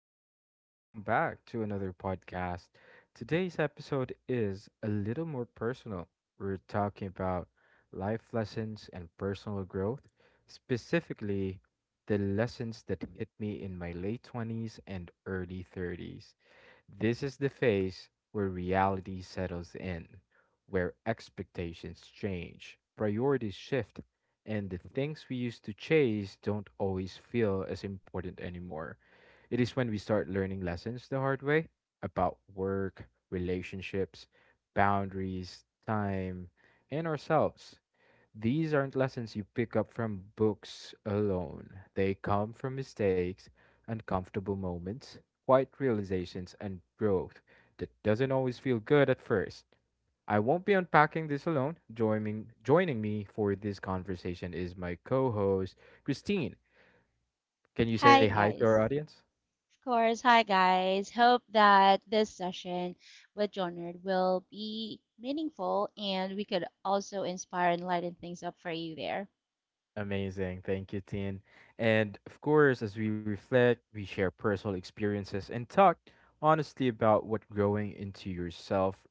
and welcome back to another podcast. Today's episode is a little more personal. We're talking about life lessons and personal growth, specifically the lessons that hit me in my late 20s and early 30s. This is the phase where reality settles in, where expectations change, priorities shift, and the things we used to chase don't always feel as important anymore. It is when we start learning lessons the hard way about work, relationships, boundaries, time, and ourselves. These aren't lessons you pick up from books alone. They come from mistakes, uncomfortable moments, quiet realizations, and growth that doesn't always feel good at first. I won't be unpacking this alone. Joining me for this conversation is my co host, Christine. Can you say Hi, hi to our guys. audience? Of course, hi, guys. Hope that this session with John Nerd will be meaningful and we could also inspire and lighten things up for you there. Amazing. Thank you, Tin. And of course, as we reflect, we share personal experiences and talk honestly about what growing into yourself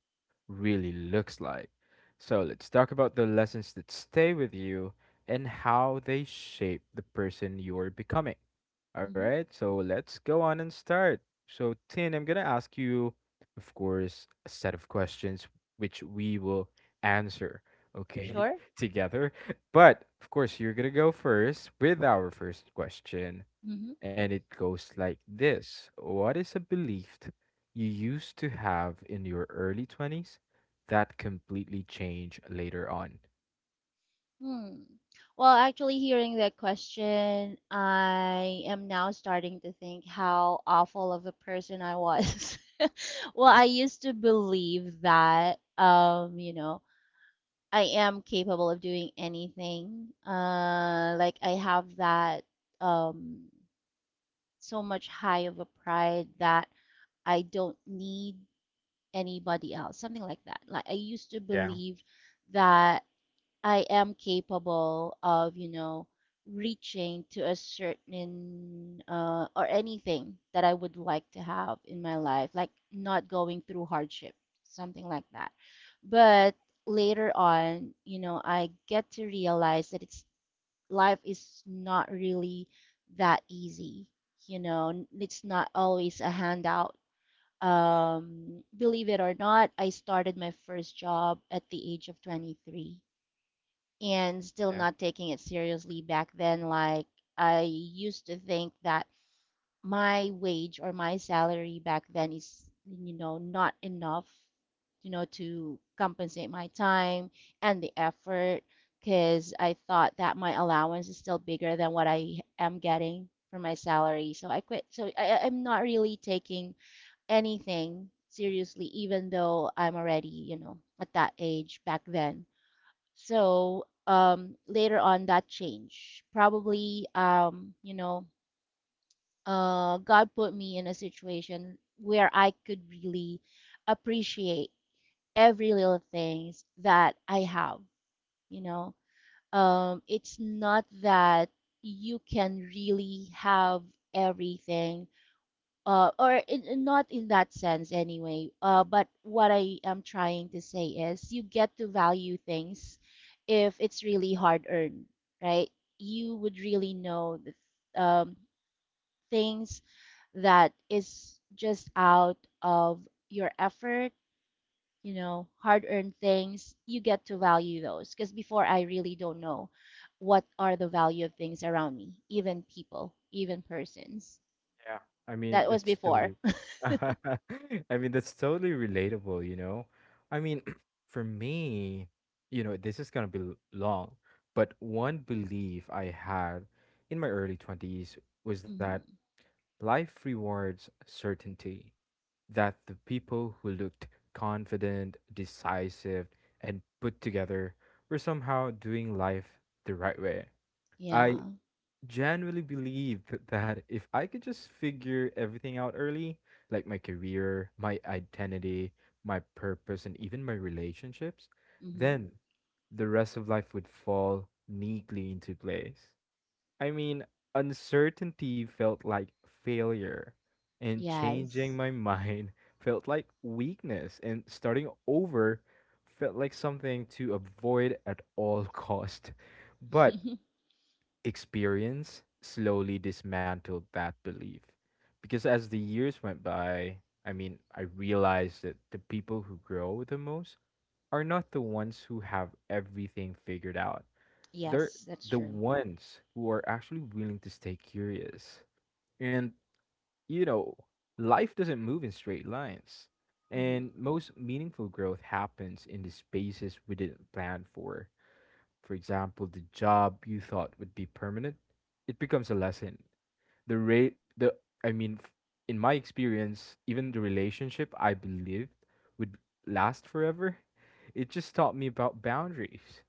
really looks like. So let's talk about the lessons that stay with you and how they shape the person you're becoming. All hmm right, so let's go on and start. So, Tin, I'm going to ask you, of course, a set of questions which we will answer, okay, Sure? together. But of course, you're going to go first with our first question. hmm And it goes like this: what is a belief you used to have in your early 20s that completely changed later on? Hmm. Hearing that question, I am now starting to think how awful of a person I was. I used to believe that, I am capable of doing anything. Like I have that um, so much high of a pride that I don't need anybody else, something like that. Like I used to Yeah. believe that I am capable of, you know, reaching to a certain or anything that I would like to have in my life, like not going through hardship, something like that. But later on, you know, I get to realize that it's life is not really that easy. You know, it's not always a handout. Believe it or not, I started my first job at the age of 23 and still Yeah. not taking it seriously back then. Like I used to think that my wage or my salary back then is, you know, not enough, you know, to compensate my time and the effort because I thought that my allowance is still bigger than what I am getting for my salary. So I quit. Am not really taking anything seriously, even though I'm already, you know, at that age back then. So later on, that changed. Probably, God put me in a situation where I could really appreciate every little things that I have. You know, it's not that you can really have everything not in that sense anyway. But what I am trying to say is you get to value things if it's really hard earned, right? You would really know the things that is just out of your effort, you know, hard earned things. You get to value those because before I really don't know what are the value of things around me, even people, even persons. Yeah. I mean, That was that's totally. before. I mean, that's totally relatable, you know? I mean, for me, you know, this is going to be long, but one belief I had in my early 20s was that life rewards certainty, that the people who looked confident, decisive, and put together were somehow doing life the right way. I Yeah. genuinely believed that if I could just figure everything out early, like my career, my identity, my purpose, and even my relationships, hmm then the rest of life would fall neatly into place. I mean, uncertainty felt like failure, and changing Yes. my mind felt like weakness, and starting over felt like something to avoid at all cost. But experience slowly dismantled that belief. Because as the years went by, I mean, I realized that the people who grow the most are not the ones who have everything figured out, they're Yes, that's the true. ones who are actually willing to stay curious. And, you know, life doesn't move in straight lines. hmm And most meaningful growth happens in the spaces we didn't plan for. For example, the job you thought would be permanent, it becomes a lesson. The rate, the I mean, f- In my experience, even the relationship I believed would last forever, it just taught me about boundaries,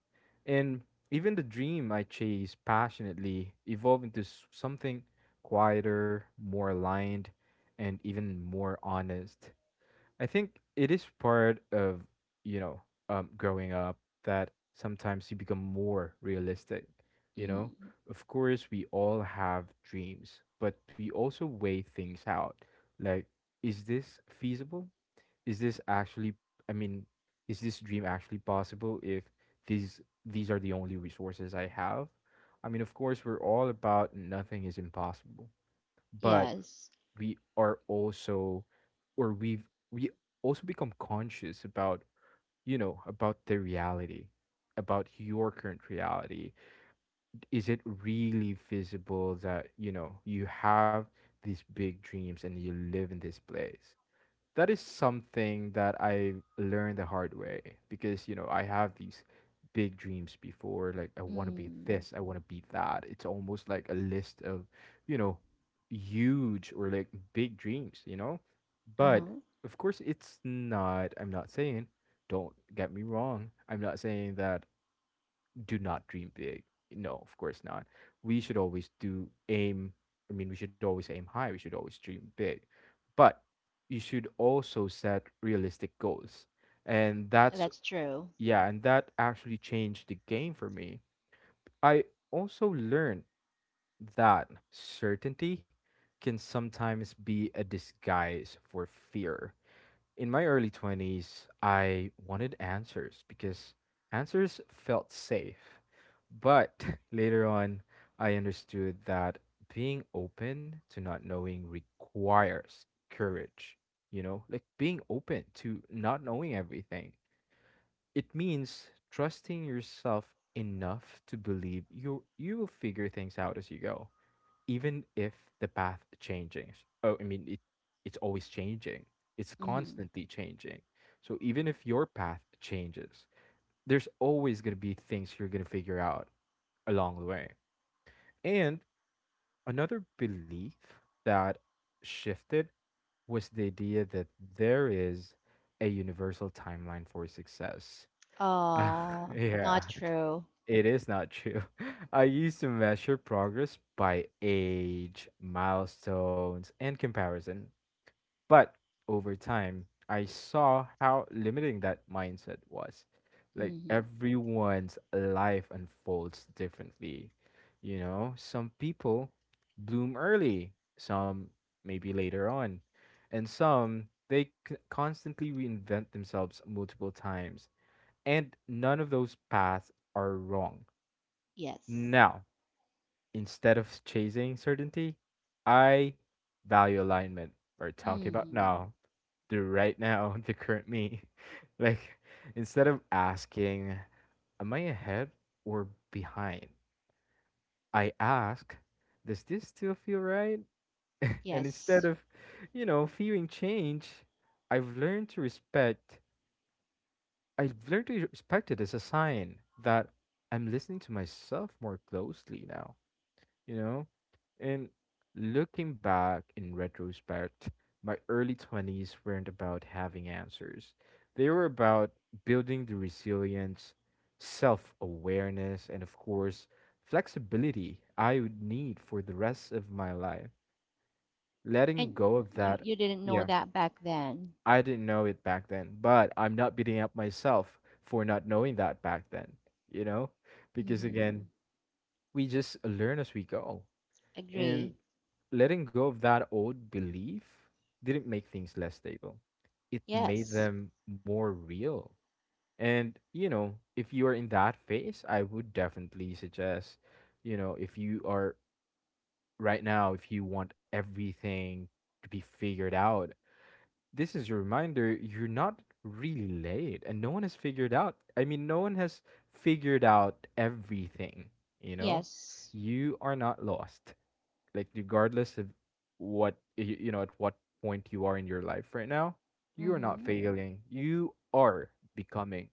and even the dream I chased passionately evolved into something quieter, more aligned, and even more honest. I think it is part of, you know, growing up, that sometimes you become more realistic, you know? hmm Of course, we all have dreams, but we also weigh things out. Like, is this feasible? Is this actually, I mean, is this dream actually possible if these are the only resources I have? I mean, of course, we're all about nothing is impossible, but Yes. we are also, or we've we also become conscious about, you know, about the reality, about your current reality. Is it really visible that, you know, you have these big dreams and you live in this place? That is something that I learned the hard way, because, you know, I have these big dreams before, like I want to be Mm. this, I want to be that. It's almost like a list of, you know, huge, or like big dreams, you know. But Uh-huh. of course, it's not. I'm not saying, don't get me wrong, I'm not saying that, do not dream big. No, of course not. We should always do aim. We should always aim high. We should always dream big. But you should also set realistic goals. And that's, That's true. yeah, and that actually changed the game for me. I also learned that certainty can sometimes be a disguise for fear. In my early 20s, I wanted answers because answers felt safe. But later on, I understood that being open to not knowing requires courage. You know, like being open to not knowing everything. It means trusting yourself enough to believe you will figure things out as you go, even if the path changes. oh i mean it, it's always changing, it's Mm-hmm. constantly changing. So even if your path changes, there's always going to be things you're going to figure out along the way. And another belief that shifted was the idea that there is a universal timeline for success. Uh, Yeah, not true. it is not true. I used to measure progress by age, milestones, and comparison. But over time, I saw how limiting that mindset was. Like, Mm-hmm. everyone's life unfolds differently. You know, some people bloom early, some maybe later on, and some they constantly reinvent themselves multiple times. And none of those paths are wrong. Yes. Now, instead of chasing certainty, I value alignment. We're talking about Mm-hmm. now, the right now, the current me. Like, instead of asking, am I ahead or behind? I ask, does this still feel right? And instead Yes. of, you know, fearing change, I've learned to respect. I've learned to respect it as a sign that I'm listening to myself more closely now. You know? And looking back in retrospect, my early 20s weren't about having answers. They were about building the resilience, self awareness, and of course, flexibility I would need for the rest of my life. Letting go of And that, you didn't yeah, know that back then. I didn't know it back then, but I'm not beating up myself for not knowing that back then, you know? Because again, Mm-hmm. we just learn as we go, and Agree. letting go of that old belief didn't make things less stable. It made Yes. them more real. And, you know, if you are in that phase, I would definitely suggest, you know, if you are right now, if you want everything to be figured out, this is your reminder: you're not really late and no one has figured out. I mean, no one has figured out everything, you know? Yes. You are not lost. Like, regardless of you know, at what point you are in your life right now, you are not Mm-hmm. failing, you are becoming.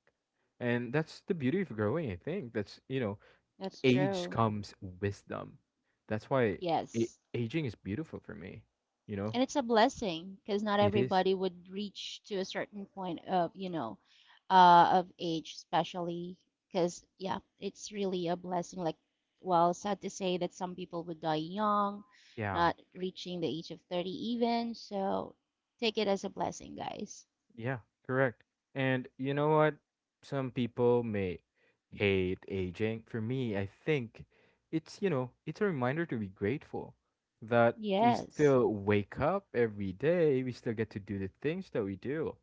And that's the beauty of growing. I think that's, you know, That's age true. comes wisdom. That's why Yes. aging is beautiful for me, you know. And it's a blessing because not It is. everybody would reach to a certain point of, you know, of age especially because, yeah, it's really a blessing. Like, well, sad to say that some people would die young, Yeah. not reaching the age of 30 even. So take it as a blessing, guys. Yeah, correct. And you know what? Some people may hate aging. For me, I think it's, you know, it's a reminder to be grateful that we Yes. still wake up every day, we still get to do the things that we do.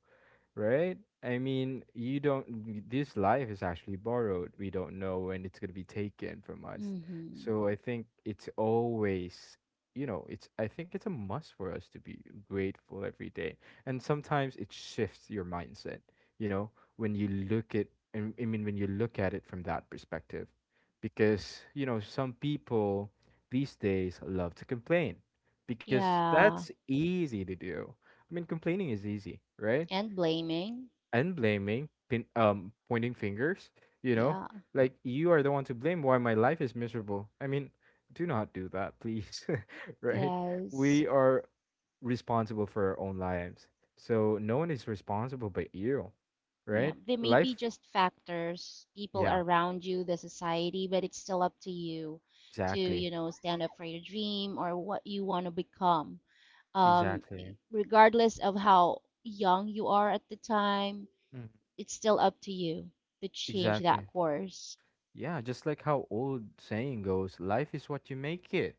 Right? I mean, you don't, this life is actually borrowed. We don't know when it's going to be taken from us. Mm-hmm. So I think it's always, you know, it's, I think it's a must for us to be grateful every day. And sometimes it shifts your mindset, you know, when you look at, I mean, when you look at it from that perspective. Because, you know, some people these days love to complain because Yeah. that's easy to do. I mean, complaining is easy, right? And blaming. And blaming, pointing fingers. You know, Yeah. like, you are the one to blame why my life is miserable. I mean, do not do that, please. Right? Yes. We are responsible for our own lives, so no one is responsible but you, Yeah, right? they may be Life, just factors, people yeah, around you, the society, but it's still up to, exactly, you know, stand up for your dream or what you want to become. Um, exactly. regardless of how young you are at the time, Mhm. it's still up to you to change Exactly. that course. Yeah, just like how old saying goes, life is what you make it,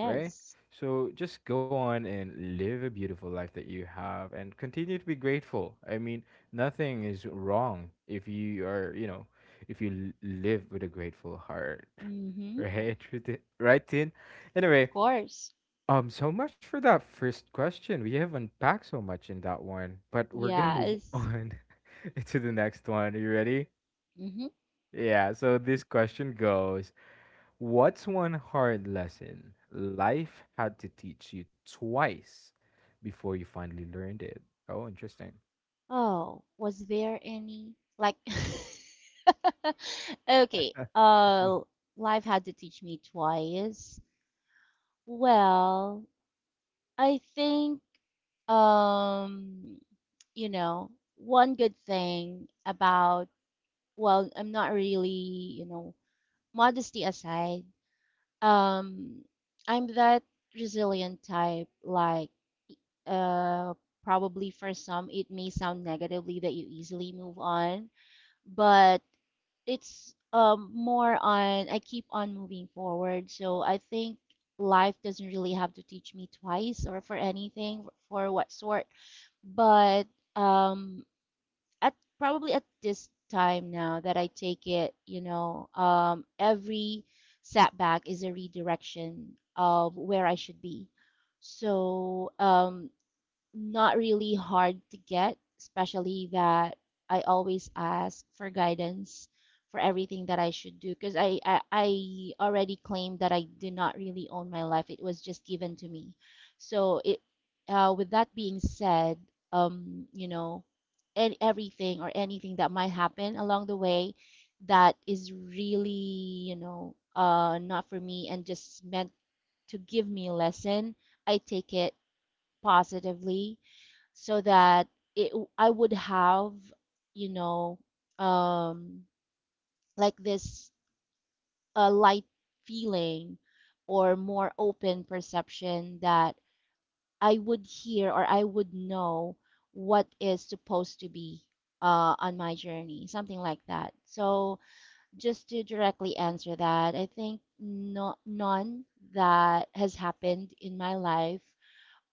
right? So just go on and live a beautiful life that you have and continue to be grateful. I mean, nothing is wrong if you are, you know, if you live with a grateful heart, Mm-hmm. Of right? Right, Tin? Anyway, course. So much for that first question. We have unpacked so much in that one, but we're gonna move Yes. on to the next one. Are you ready? Mm-hmm. Yeah, so this question goes. What's one hard lesson life had to teach you twice before you finally learned it? Oh, interesting. Oh, was there any like Okay. Yeah, Life had to teach me twice. Well, I think um, one good thing about, well, I'm not really, you know, modesty aside, um, I'm that resilient type, like, uh, probably for some it may sound negatively that you easily move on, but it's, more on I keep on moving forward. So I think life doesn't really have to teach me twice or for anything for what sort. But um at probably at this time now that I take it, you know, um, every setback is a redirection of where I should be. So, not really hard to get, especially that I always ask for guidance for everything that I should do because I already claimed that I do not really own my life. It was just given to me. So it With that being said, you know, and everything or anything that might happen along the way that is really, you know, not for me and just meant to give me a lesson, I take it positively so that it I would have, you know, um, like this light feeling or more open perception that I would hear or I would know what is supposed to be on my journey, something like that. So just to directly answer that, I think no, none that has happened in my life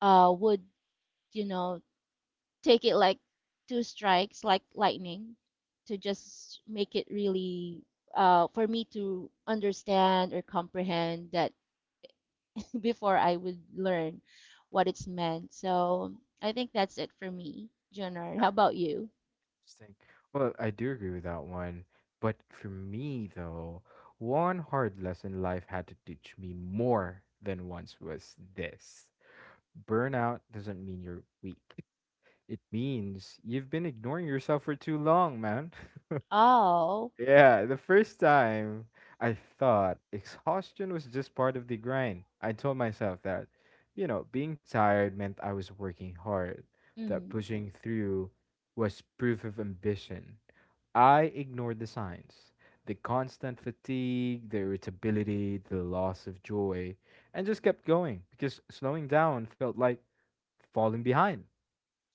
would, you know, take it like two strikes, like lightning, to just make it really for me to understand or comprehend that before I would learn what it's meant. So I think that's it for me, Junard. How about you? interesting. Well, I do agree with that one. But for me, though, one hard lesson life had to teach me more than once was this: burnout doesn't mean you're weak, it means you've been ignoring yourself for too long, man. Oh, Yeah, the first time I thought exhaustion was just part of the grind. I told myself that, you know, being tired meant I was working hard, that mm-hmm. pushing through was proof of ambition. I ignored the signs, the constant fatigue, the irritability, the loss of joy, and just kept going because slowing down felt like falling behind.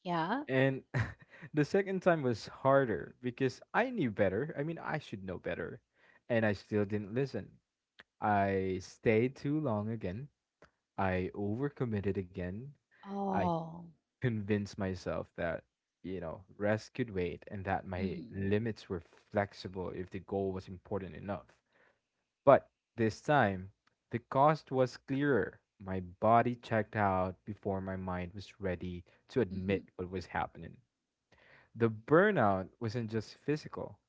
Yeah. And the second time was harder because I knew better. I mean, I should know better. And I still didn't listen. I stayed too long again. I overcommitted again. I Oh, convinced myself that, rest could wait and that my mm-hmm. limits were flexible if the goal was important enough. But this time, the cost was clearer. My body checked out before my mind was ready to Mm-hmm. admit what was happening. The burnout wasn't just physical,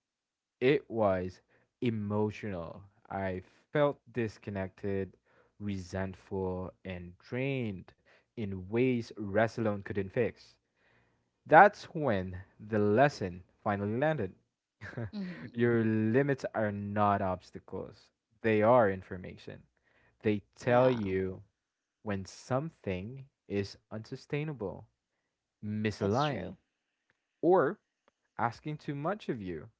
it was emotional. I felt disconnected, resentful, and drained in ways rest alone couldn't fix. That's when the lesson finally landed. Mm-hmm. Your limits are not obstacles, they are information. They tell Yeah, you when something is unsustainable, that's misaligned, true. or asking too much of you.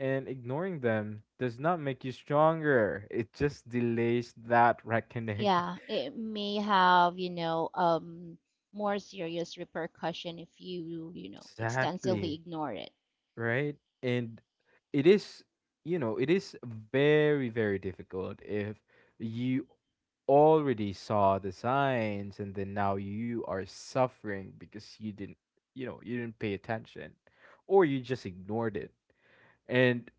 And ignoring them does not make you stronger. It just delays that reckoning. Yeah, it may have, you know, more serious repercussion if you, you know, extensively Exactly. ignore it. Right? And it is, it is very, very difficult if you already saw the signs and then now you are suffering because you didn't, you didn't pay attention or you just ignored it. And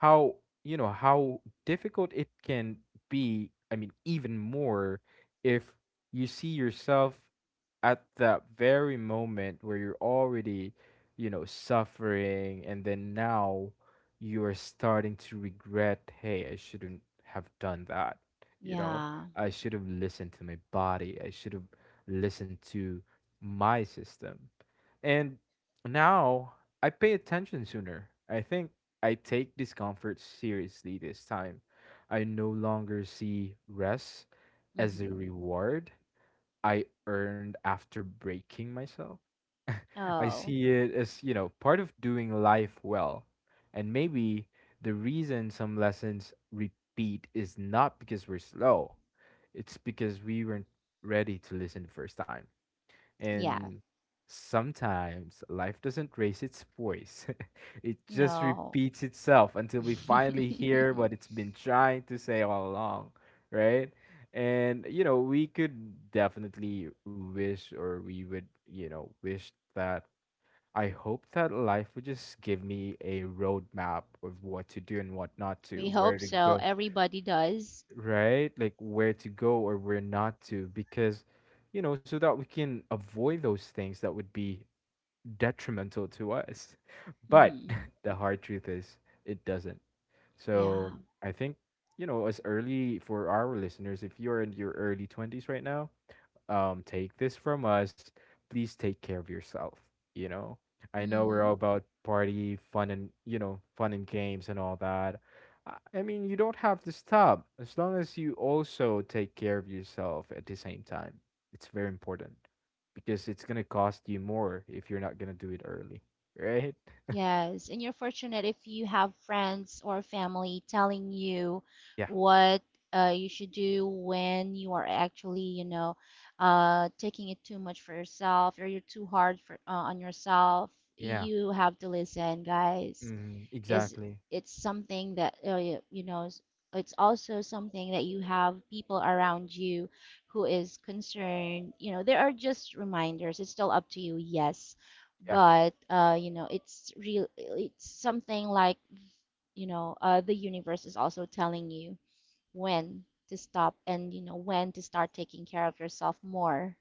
how, you know how difficult it can be. I mean, even more if you see yourself at that very moment where you're already, suffering, and then now you're starting to regret, hey, I shouldn't have done that, you know? Yeah. I should have listened to my body, I should have listened to my system. And now I pay attention sooner. I think I take discomfort seriously this time. I no longer see rest as a hmm reward I earned after breaking myself. I Oh, see it as, part of doing life well. And maybe the reason some lessons repeat is not because we're slow, it's because we weren't ready to listen the first time. yeah. And sometimes life doesn't raise its voice, it just No. repeats itself until we finally hear what it's been trying to say all along, right? And you know, we could definitely wish, or we would, wish that I hope that life would just give me a roadmap of what to do and what not We to, where hope to so. go, Everybody does. right? Like where to go or where not to, because, so that we can avoid those things that would be detrimental to us. But hmm the hard truth is, it doesn't. Yeah. So I think, as early for our listeners, if you're in your early 20s right now, take this from us. Please take care of yourself. You know, I know we're hmm all about party, fun, and fun and games and all that. I mean, you don't have to stop as long as you also take care of yourself at the same time. It's very important because it's gonna cost you more if you're not gonna do it early, right? Yes, and you're fortunate if you have friends or family telling you Yeah, what you should do when you are actually, you know, taking it too much for yourself or you're too hard for on yourself. yeah, You have to listen, guys, mm, because exactly. it's something that y- you know. It's also something that you have people around you who is concerned. You know, there are just reminders. It's still up to you, yes, Yeah. but you know it's real, it's something like, you know, the universe is also telling you when to stop and you know when to start taking care of yourself more.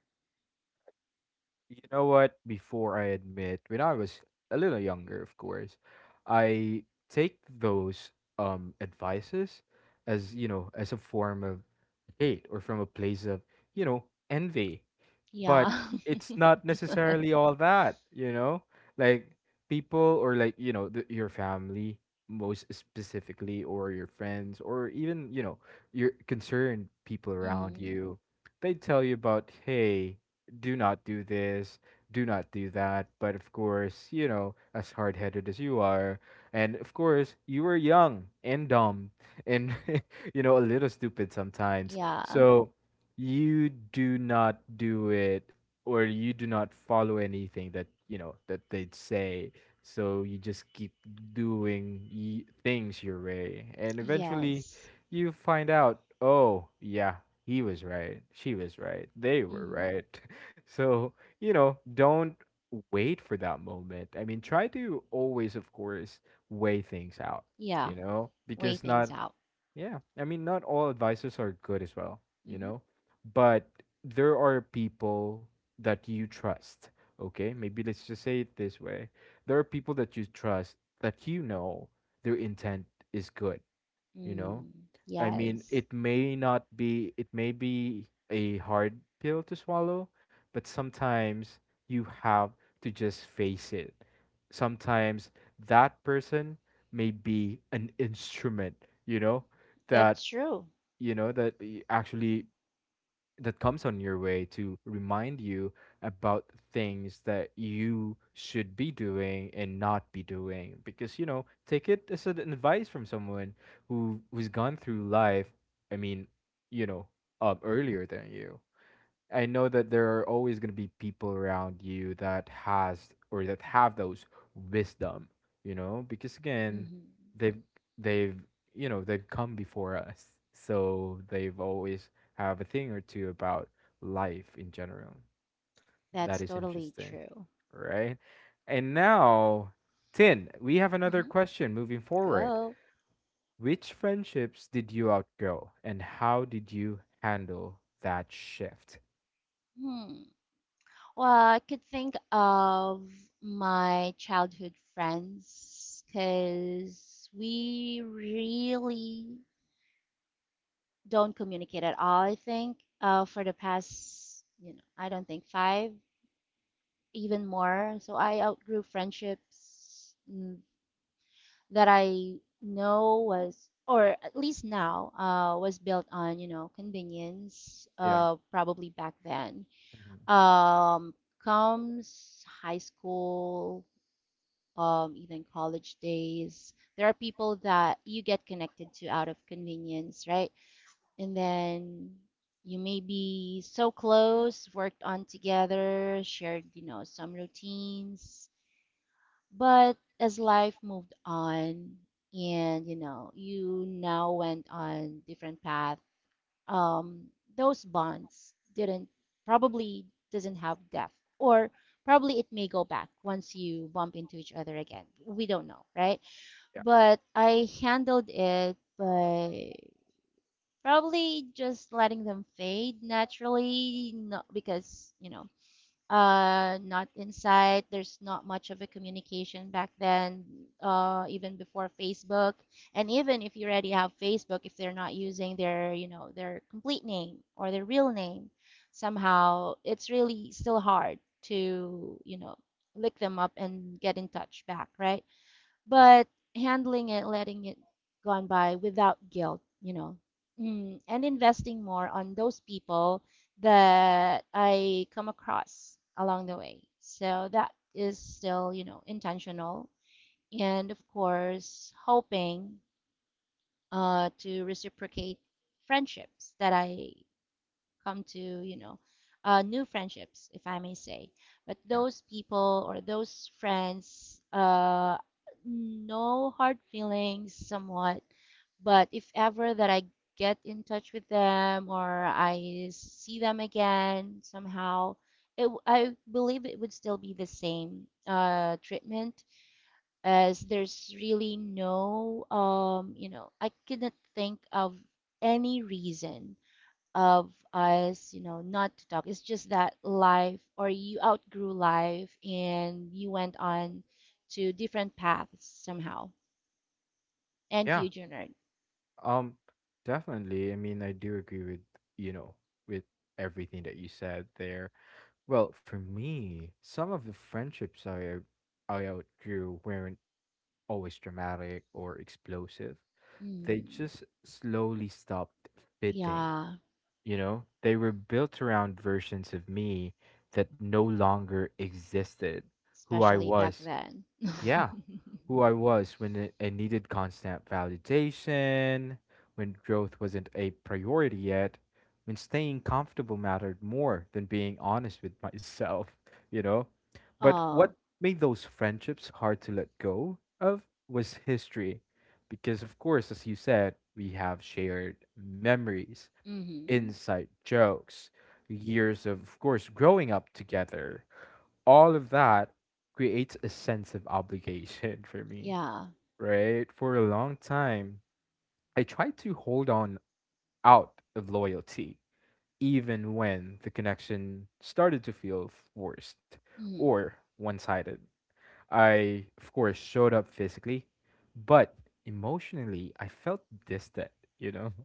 You know what? Before I admit, when I was a little younger, of course, I take those advices as, as a form of hate or from a place of, you know, envy. But Yeah. it's not necessarily all that, you know, like people or like, the, your family most specifically, or your friends, or even, your concerned people around hmm you, they tell you about, hey, do not do this, do not do that. But of course, you know, as hard-headed as you are, and of course you were young and dumb and you know, a little stupid sometimes, yeah. so you do not do it or you do not follow anything that you know that they'd say. So you just keep doing things your way, and eventually Yes. you find out, oh yeah, he was right, she was right, they were hmm right. So you know, don't wait for that moment. I mean, try to always, of course, weigh things out, yeah. you know, Weigh because not. things out. Yeah. I mean, not all advisors are good as well, you hmm know, but there are people that you trust. Okay. Maybe let's just say it this way: there are people that you trust that you know their intent is good, you know? mm. I mean, Yes, it may not be, it may be a hard pill to swallow, but sometimes you have to just face it. Sometimes that person may be an instrument, you know that, that's true. That actually, that comes on your way to remind you about things that you should be doing and not be doing. Because, you know, take it as an advice from someone who's gone through life, I mean, you know earlier than you. I know that there are always going to be people around you that has, or that have those wisdom, you know, because again, hmm they've they've they've come before us, so they've always have a thing or two about life in general. That that's is totally interesting, true. right? And now, Tin, we have another hmm question moving forward. Go. Which friendships did you outgrow, and how did you handle that shift? hmm Well, I could think of my childhood friends because we really don't communicate at all, I think, for the past, you know, I don't think five, even more. So I outgrew friendships, that I know was, or at least now, was built on, you know, convenience, Yeah. Probably back then. Mhm. Um, comes high school, even college days. There are people that you get connected to out of convenience, right? And then you may be so close, worked on together, shared, you know, some routines. But as life moved on, and you know, you now went on different path, um, those bonds didn't probably doesn't have depth or probably it may go back once you bump into each other again, we don't know, right? But I handled it by probably just letting them fade naturally, not because, you know, not inside. There's not much of a communication back then, even before Facebook. And even if you already have Facebook, if they're not using their, you know, their complete name or their real name, somehow it's really still hard to, you know, look them up and get in touch back, right? But handling it, letting it gone by without guilt, you know, and investing more on those people that I come across along the way. So that is still, you know, intentional, and of course, hoping to reciprocate friendships that I come to, you know, new friendships if I may say. But Yeah. those people or those friends, no hard feelings somewhat. But if ever that I get in touch with them or I see them again somehow, I believe it would still be the same treatment as there's really no, um, you know, I cannot think of any reason of us, you know, not to talk. It's just that life or you outgrew life and you went on to different paths somehow. And Yeah. you, Junard? Um definitely. I mean, I do agree with, you know, with everything that you said there. Well, for me, some of the friendships I outgrew weren't always dramatic or explosive. They Mm, just slowly stopped fitting, yeah, you know? They were built around versions of me that no longer existed, who I especially back was. then. Yeah, who I was when I needed constant validation, when growth wasn't a priority yet, when staying comfortable mattered more than being honest with myself, you know? But Oh, what made those friendships hard to let go of was history. Because, of course, as you said, we have shared memories, mm-hmm. inside jokes, years of course, growing up together. All of that creates a sense of obligation for me, Yeah. right? For a long time, I tried to hold on out of loyalty, even when the connection started to feel forced Mm, or one sided. I, of course, showed up physically, but emotionally, I felt distant, you know?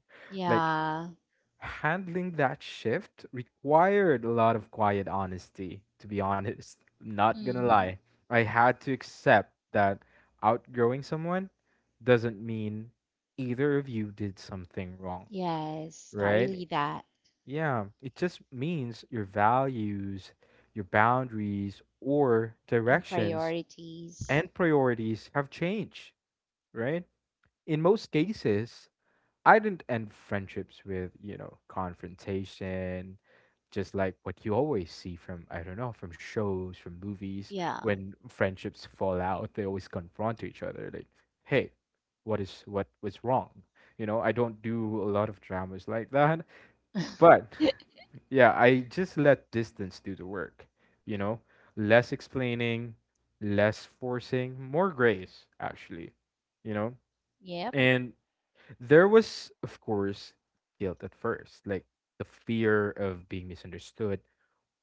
Like yeah. handling that shift required a lot of quiet honesty, to be honest. Not gonna Mm-hmm. lie. I had to accept that outgrowing someone doesn't mean either of you did something wrong, Yes, not right? really that. Yeah, it just means your values, your boundaries, or In directions priorities. and priorities have changed, right? In most cases, I didn't end friendships with, confrontation, just like what you always see from, I don't know, from shows, from movies. Yeah. When friendships fall out, they always confront each other, like, hey, what was wrong? You know, I don't do a lot of dramas like that. But yeah, I just let distance do the work, you know? Less explaining, less forcing, more grace, actually, you know? Yep. And there was, of course, guilt at first, like the fear of being misunderstood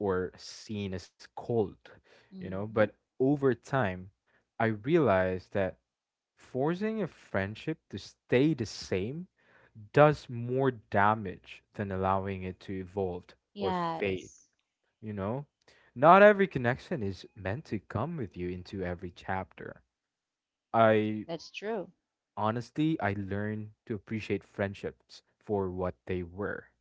or seen as cold, you know? But Mm-hmm. over time I realized that forcing a friendship to stay the same does more damage than allowing it to evolve or fade, Yes, you know? Not every connection is meant to come with you into every chapter. I that's true. honestly, I learned to appreciate friendships for what they were,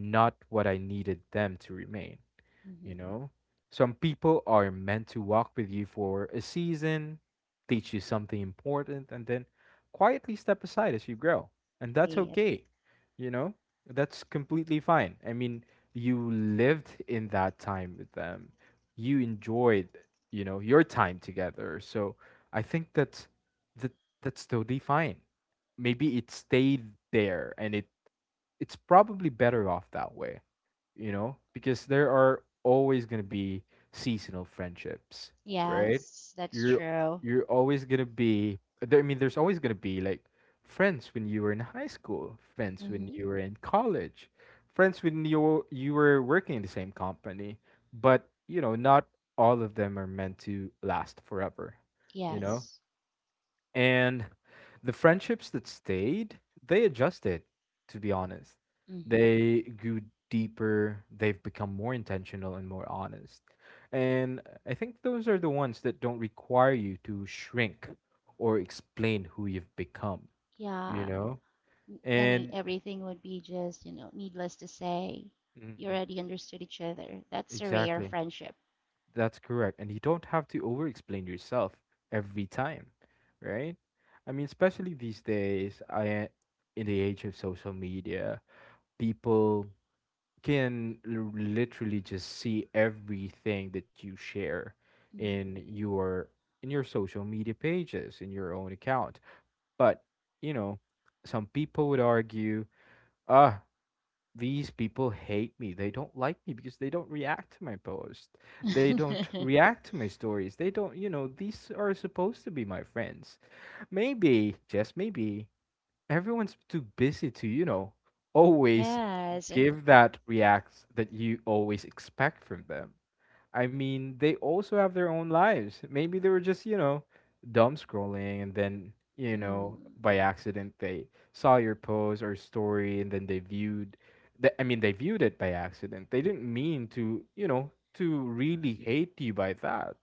not what I needed them to remain, Mhm. you know? Some people are meant to walk with you for a season, teach you something important, and then quietly step aside as you grow. And that's Yep. okay, you know? That's completely fine. I mean, you lived in that time with them, you enjoyed, your time together. So I think that's, that, that's totally fine. Maybe it stayed there, and it's probably better off that way, you know, because there are always going to be seasonal friendships, right? Yes, that's You're true. you're always going to be there, I mean, there's always going to be like friends when you were in high school, friends when hmm you were in college, friends when you were working in the same company, but you know, not all of them are meant to last forever, you know? Yes. And the friendships that stayed, they adjusted, to be honest. hmm They grew deeper, they've become more intentional and more honest. And I think those are the ones that don't require you to shrink or explain who you've become, you Yeah. know? Any And everything would be just, you know, needless to say, you Mhm, already understood each other. That's a rare exactly, friendship. that's correct. And you don't have to over explain yourself every time, right? I mean, especially these days, I in the age of social media, people can literally just see everything that you share hmm in your social media pages, in your own account. But you know, some people would argue, ah, these people hate me, they don't like me because they don't react to my post, they don't react to my stories, they don't, you know, these are supposed to be my friends. Maybe, just maybe, everyone's too busy to, always Yes, and give that react that you always expect from them. I mean, they also have their own lives. Maybe they were just, dumb scrolling and then, mm, by accident they saw your post or story and then they viewed they viewed it by accident. They didn't mean to, you know, to really hate you by that.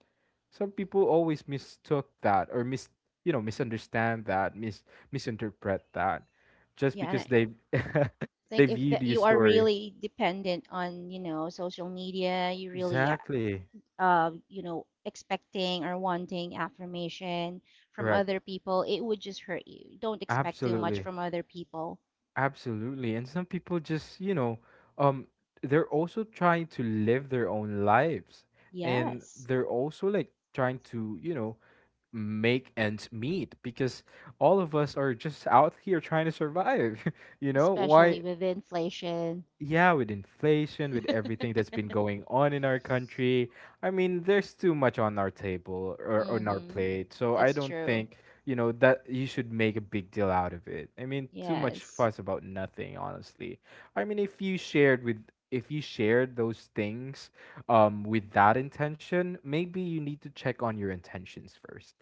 Some people always mistook that or misunderstand that, mis misinterpret that just yeah, and because I they they think if viewed that your you are story. really dependent on, you know, social media, you really, Exactly. You know, expecting or wanting affirmation from Correct. other people, it would just hurt you. Don't expect too much Absolutely. from other people. Absolutely. And some people just, you know, um they're also trying to live their own lives and Yes, they're also like trying to, you know, make ends meet because all of us are just out here trying to survive. You know, why especially with inflation. yeah, with inflation, with everything that's been going on in our country, I mean, there's too much on our table or on our Mhm. plate. So I That's don't true. think, you know, that you should make a big deal out of it. I mean, too much Yes. fuss about nothing, honestly. I mean, if you shared those things with that intention, maybe you need to check on your intentions first.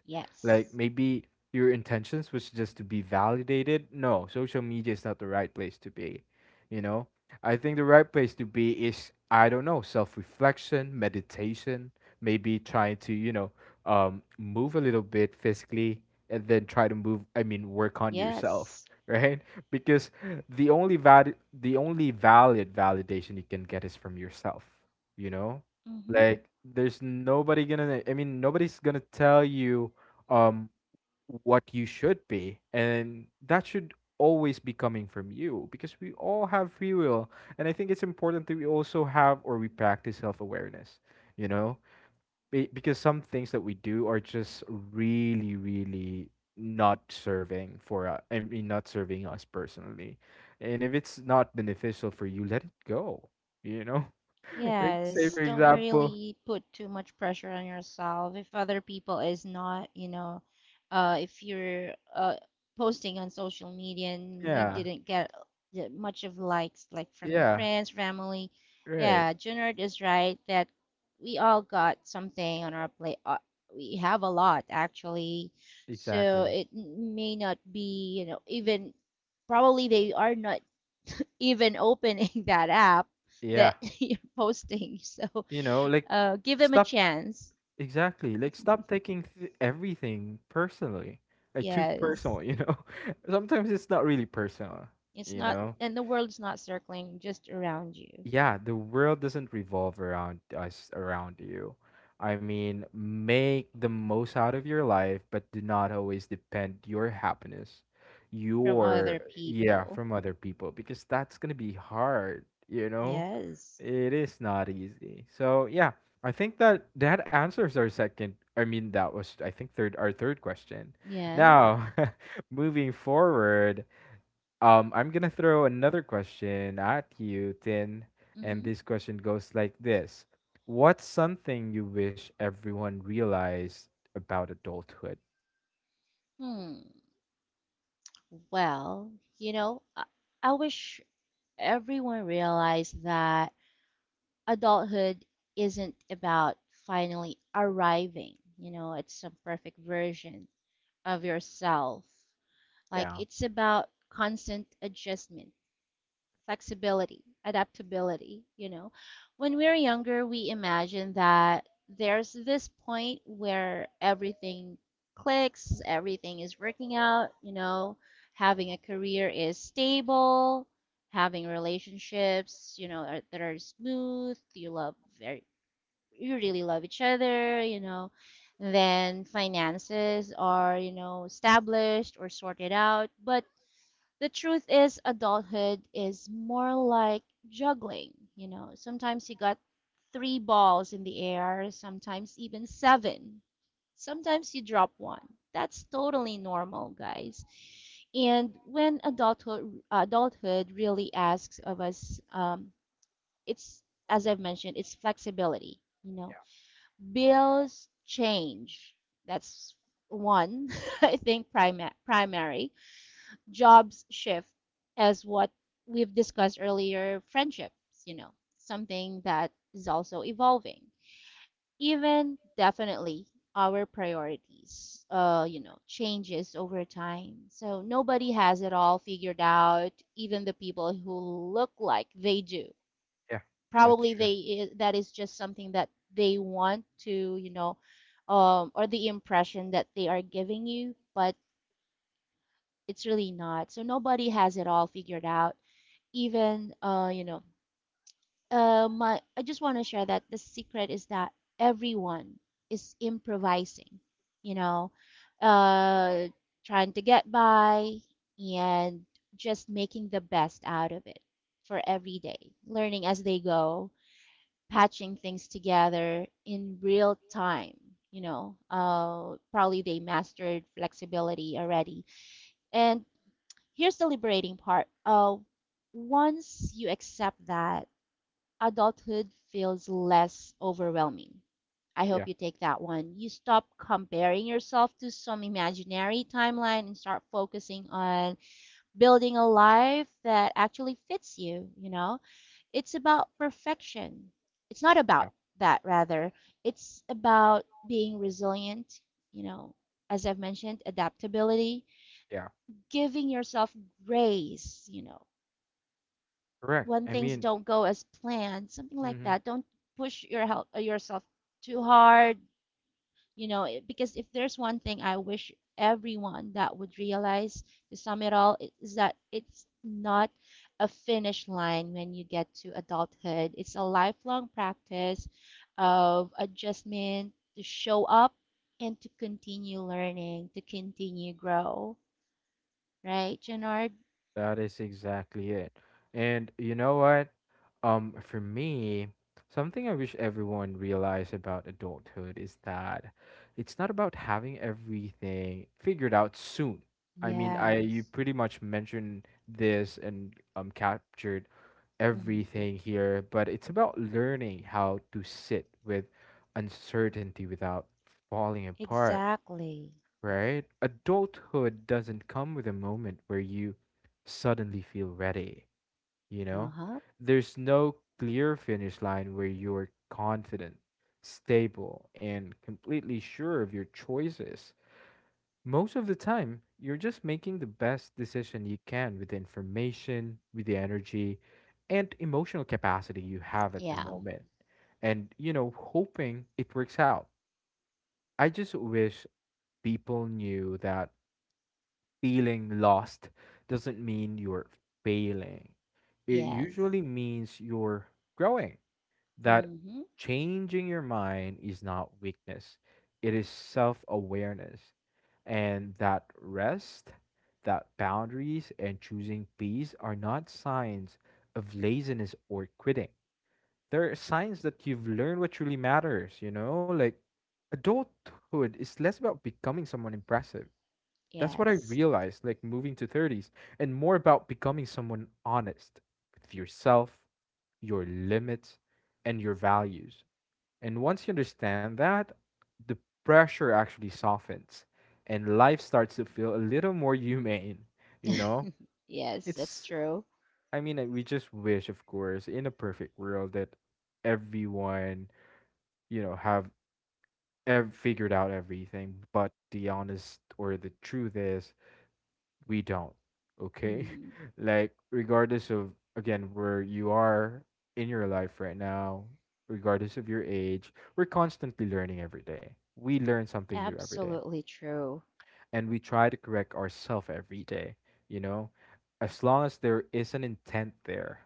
Like Yes. maybe your intentions was just to be validated. No, social media is not the right place to be, you know? I think the right place to be is I don't know self reflection, meditation, maybe trying to move a little bit physically, and then try to move. I mean, work on yourself, Yes. right? Because the only valid validation you can get is from yourself. You know, Mhm. like there's nobody gonna. I mean, nobody's gonna tell you. Um, what you should be, and that should always be coming from you because we all have free will, and I think it's important that we also have or we practice self-awareness, you know. Because some things that we do are just really, really not serving for not serving us personally, and if it's not beneficial for you, let it go, you know. Like say for Yes, don't example really put too much pressure on yourself if other people is not, you know, if you're posting on social media and you yeah, didn't get that much of likes, like from your yeah, friends, family. right, Yeah, Junard is right that we all got something on our plate. We have a lot actually, so exactly, it may not be, you know, even probably they are not even opening that app yeah. that you're posting. So, You know, like give them a stop chance. exactly. Like stop taking everything personally. Like too Yes, personal, you know? Sometimes it's not really personal, it's you not, know? and the world's not circling just around you Yeah, the world doesn't revolve around us, around you. I mean, make the most out of your life, but do not always depend your happiness, from other yeah, people. from other people, because that's going to be hard, you know? Yes, It is not easy. So, yeah, I think that answers our second, I mean, that was, I think, third, our third question. yes. Now, moving forward, I'm gonna throw another question at you, Tin, and hmm this question goes like this: what's something you wish everyone realized about adulthood? Hmm. Well, you know, I, I wish everyone realized that adulthood isn't about finally arriving, you know, at some perfect version of yourself. Like Yeah, it's about constant adjustment, flexibility, adaptability, you know. When we're younger, we imagine that there's this point where everything clicks, everything is working out, you know, having a career is stable, having relationships, you know, are, that are smooth, you really love each other, you know, then finances are, you know, established or sorted out, but the truth is adulthood is more like juggling, you know, sometimes you got 3 balls in the air, sometimes even 7. Sometimes you drop one. That's totally normal, guys. And when adulthood really asks of us, it's, as I've mentioned, it's flexibility, you know. yeah, Bills change, that's one. I think primary jobs shift, as what we've discussed earlier. Friendships, you know, something that is also evolving. Even definitely our priorities, you know, changes over time. So nobody has it all figured out, even the people who look like they do. yeah. That's Probably true. That is just something that they want to, you know, or the impression that they are giving you, but it's really not. So nobody has it all figured out, even, you know, my I just want to share that the secret is that everyone is improvising, you know, uh trying to get by and just making the best out of it for every day, learning as they go, patching things together in real time. You know, probably they mastered flexibility already. And here's the liberating part. Once you accept that, adulthood feels less overwhelming. I Yeah, hope you take that one. You stop comparing yourself to some imaginary timeline and start focusing on building a life that actually fits you, you know? It's about perfection. It's not about yeah, that, rather. It's about being resilient, you know, as I've mentioned, adaptability, yeah. giving yourself grace, you know, Correct. when I things mean, don't go as planned, something like mhm. that. Don't push your help, yourself too hard, you know, because if there's one thing I wish everyone that would realize, to sum it all is that it's not a finish line when you get to adulthood. It's a lifelong practice of adjustment to show up and to continue learning, to continue grow, right, Gennard? That is exactly it. And you know what? For me, something I wish everyone realized about adulthood is that it's not about having everything figured out soon. I you Yes. pretty much mentioned this and captured Hmm. everything here, but it's about learning how to sit with uncertainty without falling apart, Exactly. right? Adulthood doesn't come with a moment where you suddenly feel ready, you know? Uh-huh. There's no clear finish line where you're confident, stable, and completely sure of your choices. Most of the time, you're just making the best decision you can with the information, with the energy, and emotional capacity you have at the Yeah. moment. And, you know, hoping it works out. I just wish people knew that feeling lost doesn't mean you're failing. It Yes. usually means you're growing. That Mm-hmm. changing your mind is not weakness, it is self awareness. And that rest, that boundaries, and choosing peace are not signs of laziness or quitting. They're signs that you've learned what truly matters, you know? Like, adulthood is less about becoming someone impressive, that's what I Yes. realized, like moving to 30s, and more about becoming someone honest with yourself, your limits, and your values. And once you understand that, the pressure actually softens and life starts to feel a little more humane, you know? Yes, that's It's, true. I mean, we just wish, of course, in a perfect world that everyone, you know, have figured out everything, but the honest or the truth is, we don't, okay? Mm-hmm. Like regardless of, again, where you are in your life right now, regardless of your age, we're constantly learning every day, we learn something new every day, Absolutely true. and we try to correct ourselves every day, you know. As long as there is an intent there,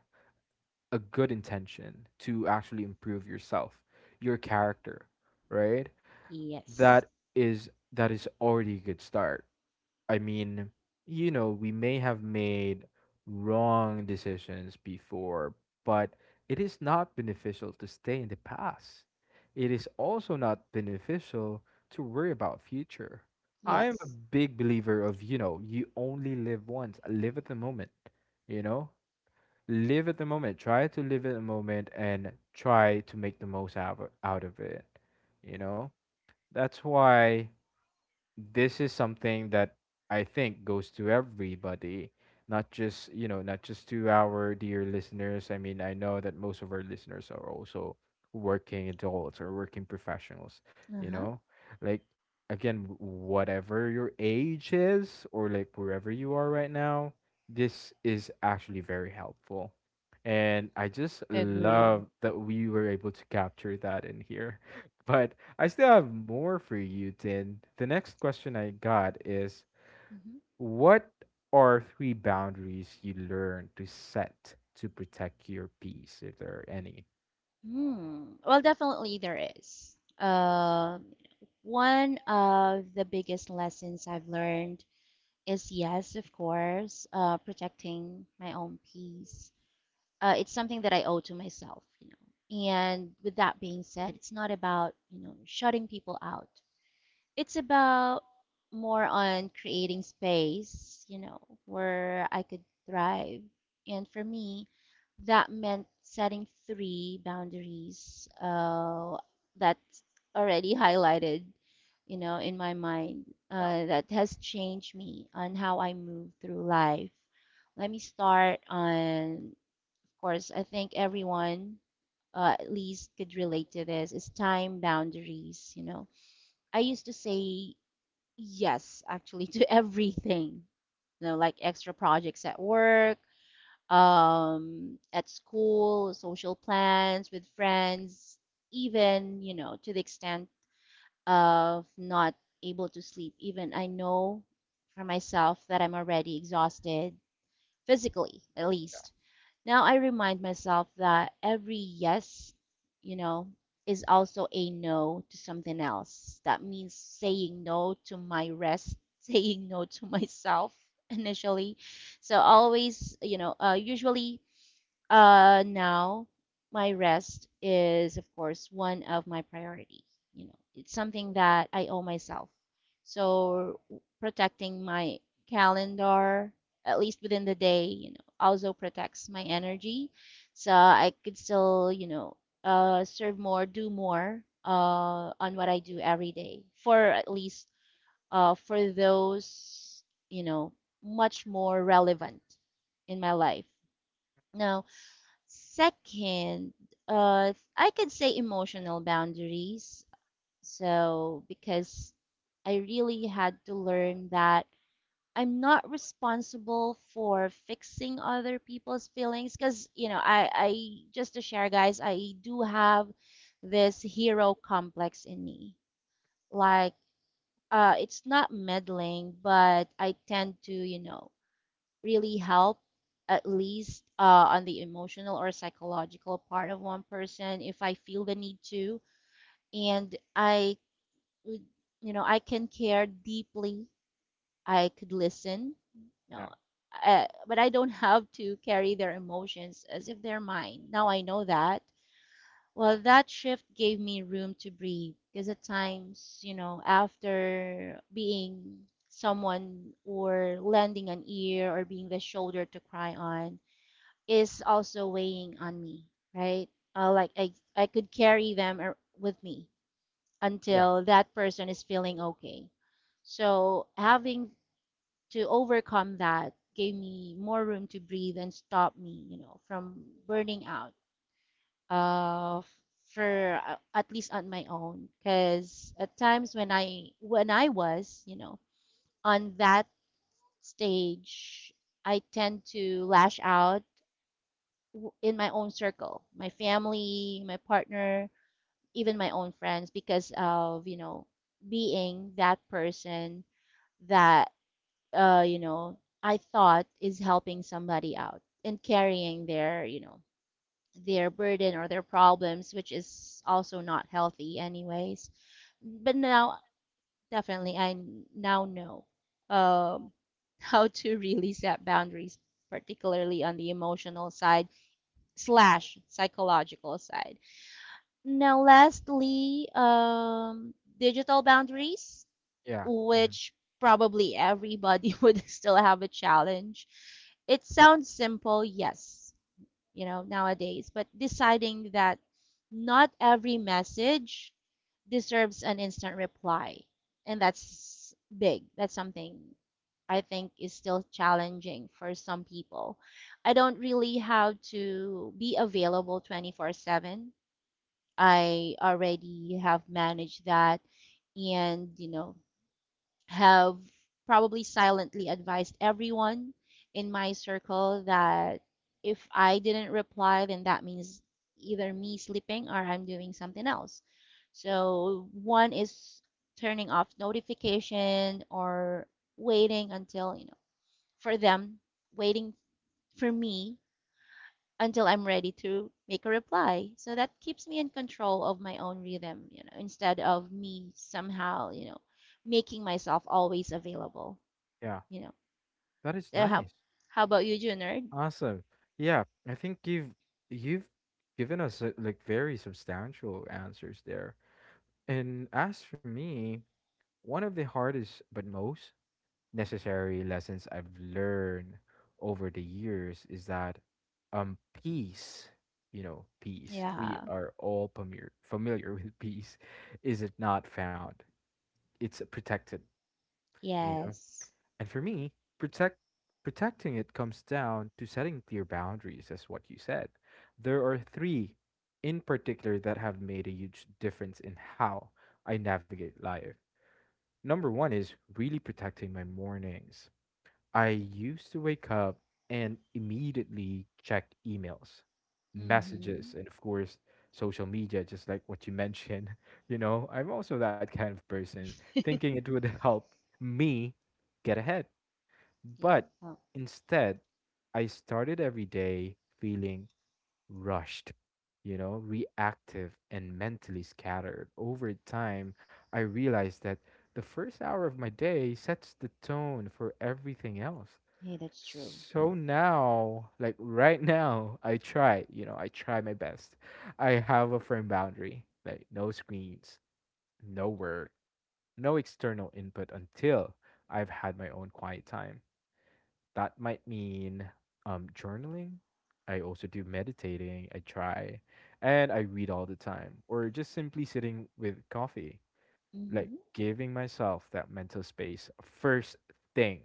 a good intention to actually improve yourself, your character, right? Yes. That is that is already a good start. I mean, you know, we may have made wrong decisions before, but it is not beneficial to stay in the past. It is also not beneficial to worry about future. I am a Yes. big believer of, you know, you only live once. Live at the moment, you know? Live at the moment. Try to live at the moment and try to make the most out out of it, you know? That's why this is something that I think goes to everybody, not just, you know, not just to our dear listeners. I mean, I know that most of our listeners are also working adults or working professionals, you Uh-huh. know? Like, again, whatever your age is or like wherever you are right now, this is actually very helpful. And I just Agree. love that we were able to capture that in here. But I still have more for you, Tin. The next question I got is Mm-hmm. what are three boundaries you learn to set to protect your peace, if there are any? Hmm. Well, definitely there is. One of the biggest lessons I've learned is, yes, of course, protecting my own peace, it's something that I owe to myself, you know. And with that being said, it's not about, you know, shutting people out. It's about more on creating space, you know, where I could thrive. And for me, that meant setting three boundaries, that's already highlighted, you know, in my mind, Yeah, that has changed me on how I move through life. Let me start on course, I think everyone, at least could relate to this. It's time boundaries, you know. I used to say yes, actually, to everything, you know, like extra projects at work, at school, social plans with friends, even, you know, to the extent of not able to sleep. Even I know for myself that I'm already exhausted, physically at least. Now I remind myself that every yes, you know, is also a no to something else. That means saying no to my rest, saying no to myself initially. So always, you know, usually, now my rest is, of course, one of my priority. You know, it's something that I owe myself. So protecting my calendar, at least within the day, you know, also protects my energy. So I could still, you know, serve more, do more, on what I do every day. For at least, for those, you know, much more relevant in my life. Now, second, I could say emotional boundaries. So, because I really had to learn that I'm not responsible for fixing other people's feelings. Because, you know, just to share, guys, I do have this hero complex in me. Like, it's not meddling, but I tend to, you know, really help, at least on the emotional or psychological part of one person if I feel the need to. And I would, you know, I can care deeply. I could listen, you yeah, know, but I don't have to carry their emotions as if they're mine. Now I know that. Well, that shift gave me room to breathe because at times, you know, after being someone or lending an ear or being the shoulder to cry on, is also weighing on me, right? Like I could carry them with me yeah, until that person is feeling okay. So having to overcome that gave me more room to breathe and stop me, you know, from burning out. Uh, for at least on my own, because at times when I was, you know, on that stage, I tend to lash out in my own circle, my family, my partner, even my own friends, because of, you know, being that person that, you know, I thought is helping somebody out and carrying their, you know, their burden or their problems, which is also not healthy, anyways. But now, definitely, I now know, um, how to really set boundaries, particularly on the emotional side slash psychological side. Now, lastly, digital boundaries, yeah, mhm, which probably everybody would still have a challenge. It sounds simple, yes, you know, nowadays, but deciding that not every message deserves an instant reply. And that's big. That's something I think is still challenging for some people. I don't really have to be available 24/7. I already have managed that and, you know, have probably silently advised everyone in my circle that if I didn't reply, then that means either me sleeping or I'm doing something else. So one is turning off notification or waiting until, you know, for them waiting for me until I'm ready to make a reply. So that keeps me in control of my own rhythm, you know, instead of me somehow, you know, making myself always available, yeah. you know. That is So how nice. how about you, Junard? Awesome. Yeah, I think you've given us like very substantial answers there. And as for me, one of the hardest but most necessary lessons I've learned over the years is that um peace, you know, peace. We Yeah. are all familiar with peace. Is it not found? It's protected, you know. Yes. And for me, protect protecting it comes down to setting clear boundaries, as what you said. There are three in particular that have made a huge difference in how I navigate life. Number one is really protecting my mornings. I used to wake up and immediately check emails, messages, Mhm. and of course, social media, just like what you mentioned. You know, I'm also that kind of person, thinking it would help me get ahead. Yeah. But Oh, instead, I started every day feeling rushed, you know, reactive, and mentally scattered. Over time, I realized that the first hour of my day sets the tone for everything else. hey, that's true. So now, like right now, I try, you know, I try my best. I have a firm boundary, like no screens, no work, no external input until I've had my own quiet time. That might mean journaling. I also do meditating, I try, and I read all the time, or just simply sitting with coffee, like Mhm. giving myself that mental space first thing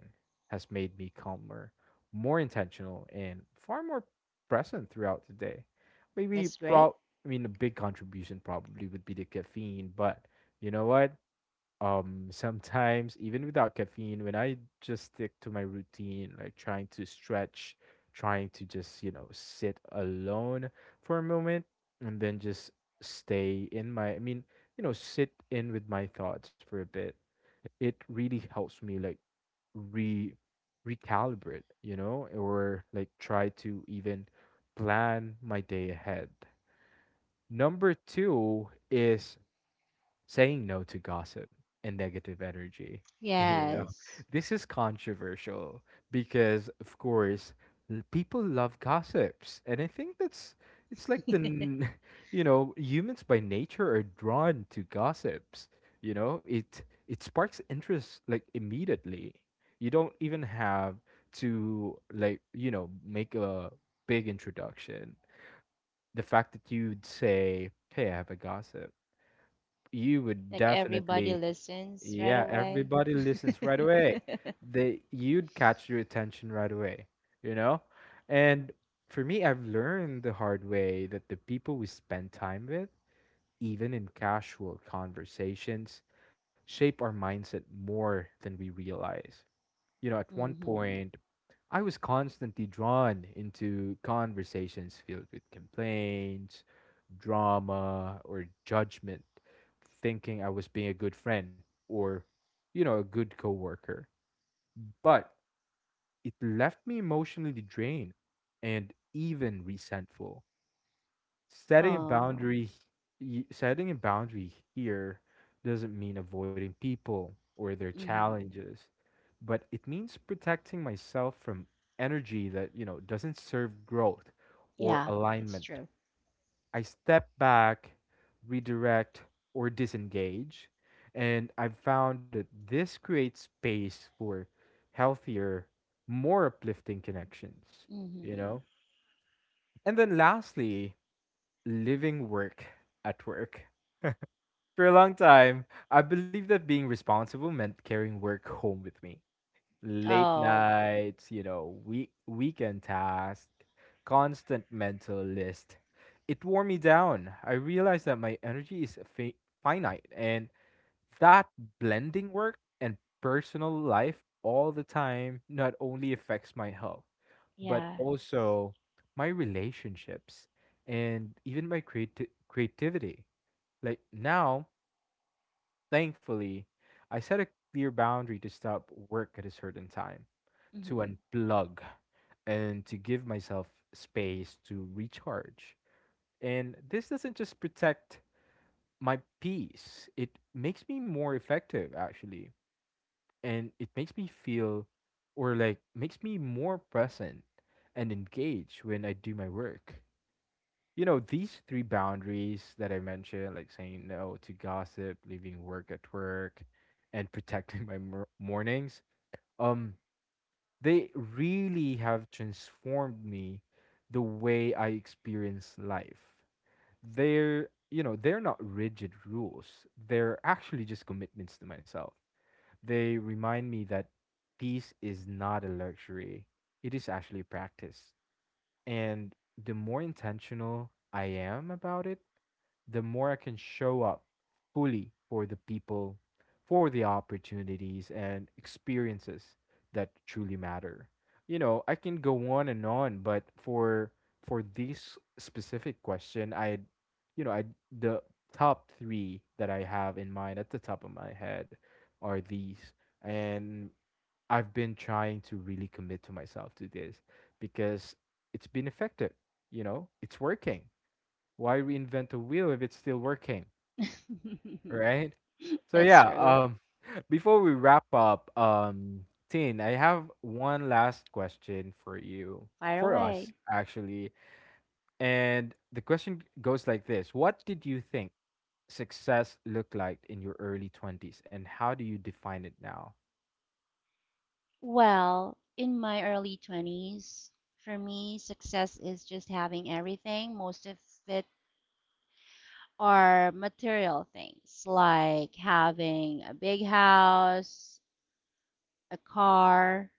has made me calmer, more intentional, and far more present throughout the day. Maybe That's great. pro I mean a big contribution probably would be the caffeine, but you know what? Sometimes even without caffeine, when I just stick to my routine, like trying to stretch, trying to just, you know, sit alone for a moment and then just I mean, you know, sit in with my thoughts for a bit. It really helps me like re recalibrate, you know, or like try to even plan my day ahead. Number two is saying no to gossip and negative energy, you know. Yes. This is controversial because, of course, people love gossips, and I think that's it's like you know humans by nature are drawn to gossips. You know, it sparks interest like immediately. You don't even have to like you know make a big introduction. The fact that you'd say, "Hey, I have a gossip." You would Like everybody definitely, listens right yeah, away. everybody listens right away. They you'd catch your attention right away, you know? And for me, I've learned the hard way that the people we spend time with, even in casual conversations, shape our mindset more than we realize, you know, at one Mhm. point, I was constantly drawn into conversations filled with complaints, drama, or judgment, thinking I was being a good friend or, you know, a good coworker. But it left me emotionally drained and even resentful. setting a Oh. boundary h- Setting a boundary here doesn't mean avoiding people or their Mhm. challenges, but it means protecting myself from energy that you know doesn't serve growth or Yeah, that's alignment. true. I step back, redirect, or disengage, and I've found that this creates space for healthier, more uplifting connections, you Hmm. know. And then lastly, living work at work. For a long time, I believed that being responsible meant carrying work home with me. Late Oh, nights, you know, weekend tasks, constant mental list. It wore me down. I realized that my energy is finite and that blending work and personal life all the time not only affects my health but yes. also my relationships and even my creativity. Like now, thankfully, I set a clear boundary to stop work at a certain time, to Hmm. unplug, and to give myself space to recharge. And this doesn't just protect my peace, it makes me more effective, actually. And it makes me feel or makes me more present and engaged when I do my work. You know, these three boundaries that I mentioned, like saying no to gossip, leaving work at work, and protecting my mornings, um, they really have transformed me the way I experience life. They're, you know, they're not rigid rules. They're actually just commitments to myself. They remind me that peace is not a luxury. It is actually a practice. And the more intentional I am about it, the more I can show up fully for the people, for the opportunities and experiences that truly matter. You know, I can go on and on, but for this specific question, I you know, I the top 3 that I have in mind at the top of my head are these. And I've been trying to really commit to myself to this because it's been effective. You know, it's working. Why reinvent the wheel if it's still working, right? So That's yeah, true. Before we wrap up, Tin, I have one last question for you, Fire for us away. actually, and the question goes like this: What did you think success looked like in your early 20s, and how do you define it now? Well, in my early 20s, for me, success is just having everything. Most of it are material things, like having a big house, a car.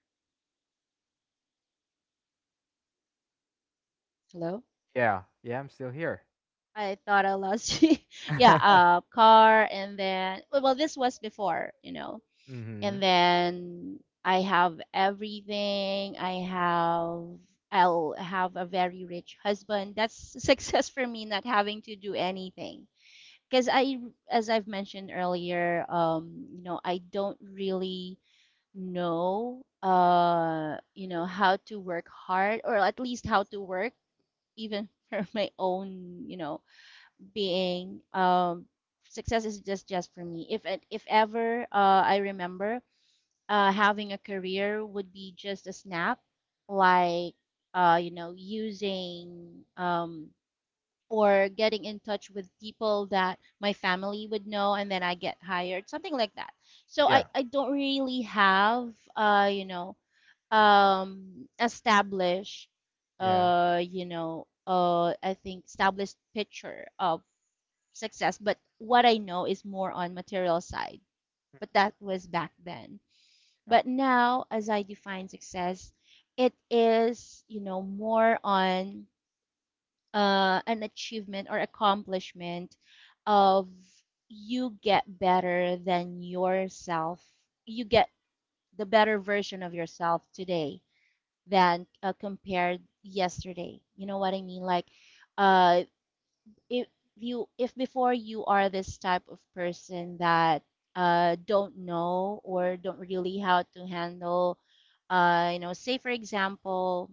Hello? Yeah, yeah, I'm still here. I thought I lost you. Yeah, a car, and then, well, this was before, you know, Mm-hmm. and then I have everything. I'll have a very rich husband. That's success for me, not having to do anything. Because I, as I've mentioned earlier, you know, I don't really know, you know, how to work hard, or at least how to work, even for my own, you know, being. Success is just for me. If ever, I remember, having a career would be just a snap, like, you know, using, or getting in touch with people that my family would know, and then I get hired, something like that. So Yeah, I don't really have, you know, established, yeah, you know, I think established picture of success, but what I know is more on material side. mm, But that was back then. yeah, But now, as I define success, it is, you know, more on, an achievement or accomplishment of you get better than yourself. You get the better version of yourself today than, compared yesterday. You know what I mean? Like, uh, if you, if before you are this type of person that, don't know or don't really how to handle, you know, say for example,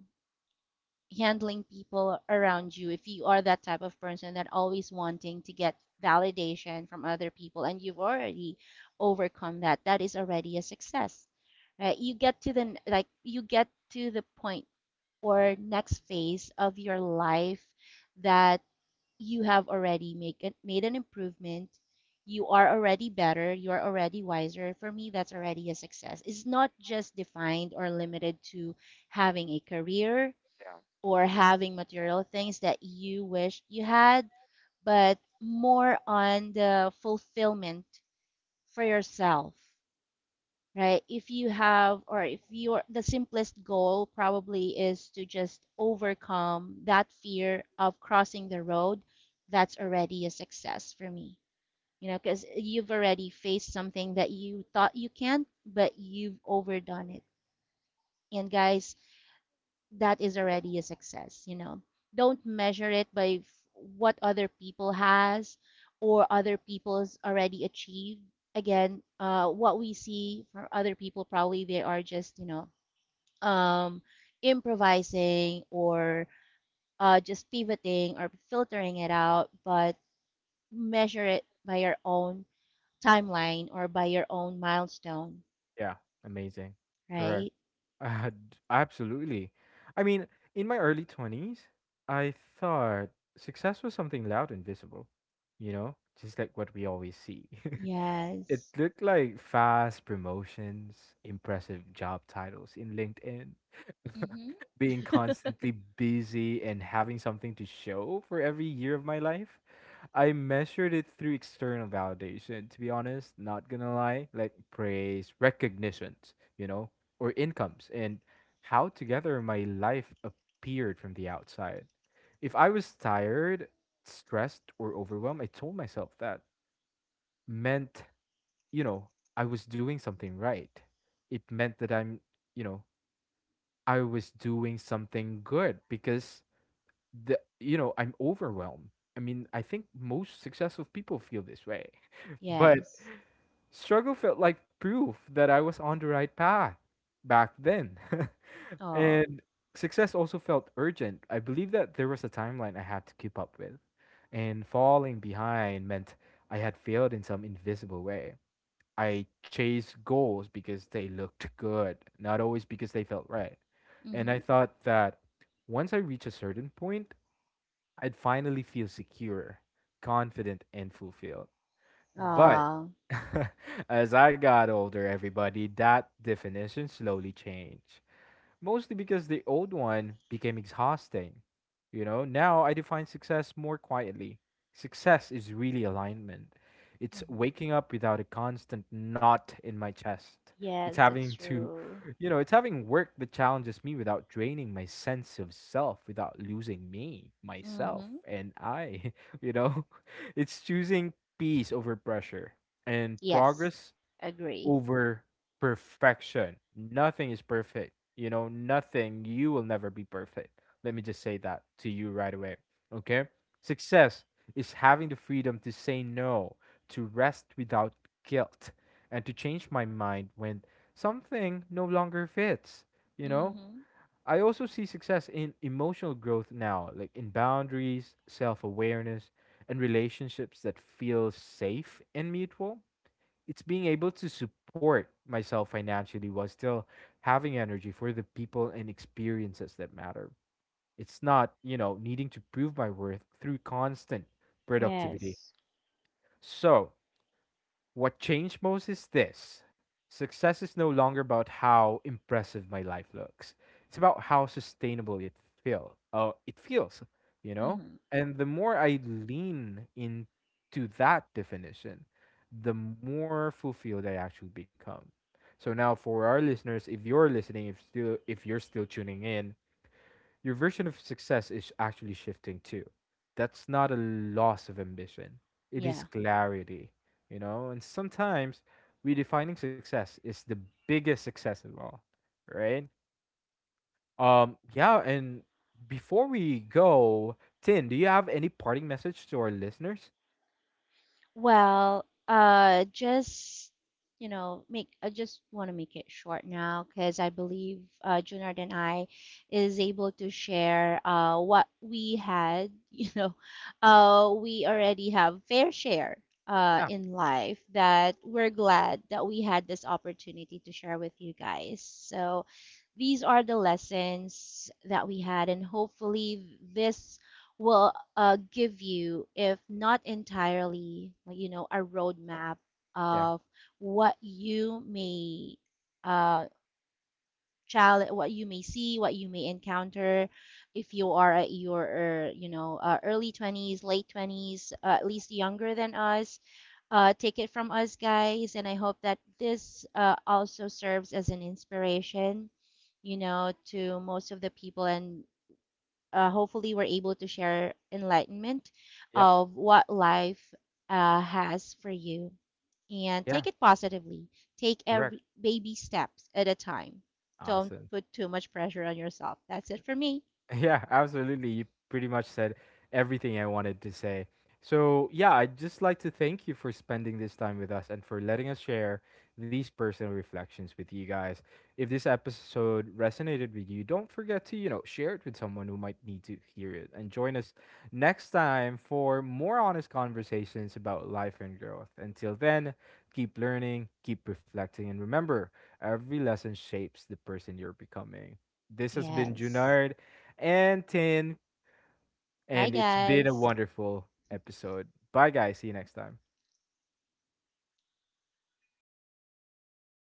handling people around you, if you are that type of person that always wanting to get validation from other people and you've already overcome that, that is already a success, right? You get to the like you get to the point or next phase of your life that you have made an improvement. You are already better. You are already wiser. For me, that's already a success. It's not just defined or limited to having a career yeah, or having material things that you wish you had, but more on the fulfillment for yourself, right? If you have, or if you're, the simplest goal probably is to just overcome that fear of crossing the road, that's already a success for me. You know, because you've already faced something that you thought you can't, but you've overdone it. And guys, that is already a success, you know. Don't measure it by what other people has or other people's already achieved. Again, what we see from other people, probably they are just, you know, um, improvising or, just pivoting or filtering it out, but measure it by your own timeline or by your own milestone, yeah. Amazing. Correct. right? Absolutely. I mean, in my early 20s, I thought success was something loud and visible, you know, just like what we always see. It Yes. looked like fast promotions, impressive job titles in LinkedIn, Mm-hmm. being constantly busy and having something to show for every year of my life. I measured it through external validation, to be honest, not gonna lie, like praise, recognitions, you know, or incomes, and how together my life appeared from the outside. If I was tired, stressed, or overwhelmed, I told myself that meant, you know, I was doing something right. It meant that you know, I was doing something good because I'm overwhelmed. I mean, I think most successful people feel this way. But Yes. struggle felt like proof that I was on the right path back then. Oh. And success also felt urgent. I believe that there was a timeline I had to keep up with, and falling behind meant I had failed in some invisible way. I chased goals because they looked good, not always because they felt right. And I Mm-hmm. thought that once I reach a certain point, I'd finally feel secure, confident, and fulfilled. But Ah. as I got older, everybody, that definition slowly changed mostly because the old one became exhausting. You know, now I define success more quietly. Success is really alignment. It's Hmm. waking up without a constant knot in my chest. It's Yes, that's having to, true. you know, It's having work that challenges me without draining my sense of self, without losing me, myself, Hmm. and I, you know. It's choosing peace over pressure and Yes, progress agree. over perfection. Nothing is perfect. You know, nothing. You will never be perfect. Let me just say that to you right away. Okay? Success is having the freedom to say no, to rest without guilt, and to change my mind when something no longer fits. You know? Hmm. I also see success in emotional growth now, like in boundaries, self awareness, and relationships that feel safe and mutual. It's being able to support myself financially while still having energy for the people and experiences that matter. It's not, you know, needing to prove my worth through constant productivity. Yes. So, what changed most is this: success is no longer about how impressive my life looks, it's about how sustainable it feels, you know? Hmm. And the more I lean into that definition, the more fulfilled I actually become. So now for our listeners, if you're listening, if you're still tuning in, your version of success is actually shifting too. That's not a loss of ambition, it is Yeah. clarity, you know? And sometimes redefining success is the biggest success of all, right? Yeah, and before we go, Tin, do you have any parting message to our listeners? Well, just, you know, make I just want to make it short now because I believe, Junard and I is able to share, what we had. You know, we already have fair share, Yeah, in life that we're glad that we had this opportunity to share with you guys. So these are the lessons that we had, and hopefully this will, give you, if not entirely, like, you know, a roadmap yeah, of what you may, uh, challenge, what you may see, what you may encounter, if you are at your, you know, early 20s, late 20s, at least younger than us. Take it from us, guys, and I hope that this, also serves as an inspiration, you know, to most of the people and, hopefully we're able to share enlightenment yep, of what life, has for you and yeah, take it positively, take correct. every baby steps at a time, don't Awesome. put too much pressure on yourself. That's it for me. Yeah, absolutely. You pretty much said everything I wanted to say. So, yeah, I'd just like to thank you for spending this time with us and for letting us share these personal reflections with you guys. If this episode resonated with you, don't forget to, you know, share it with someone who might need to hear it. And join us next time for more honest conversations about life and growth. Until then, keep learning, keep reflecting, and remember, every lesson shapes the person you're becoming. This has been Yes. Junard and Tin, Bye, and it's been a guys. wonderful episode. Bye, guys. See you next time.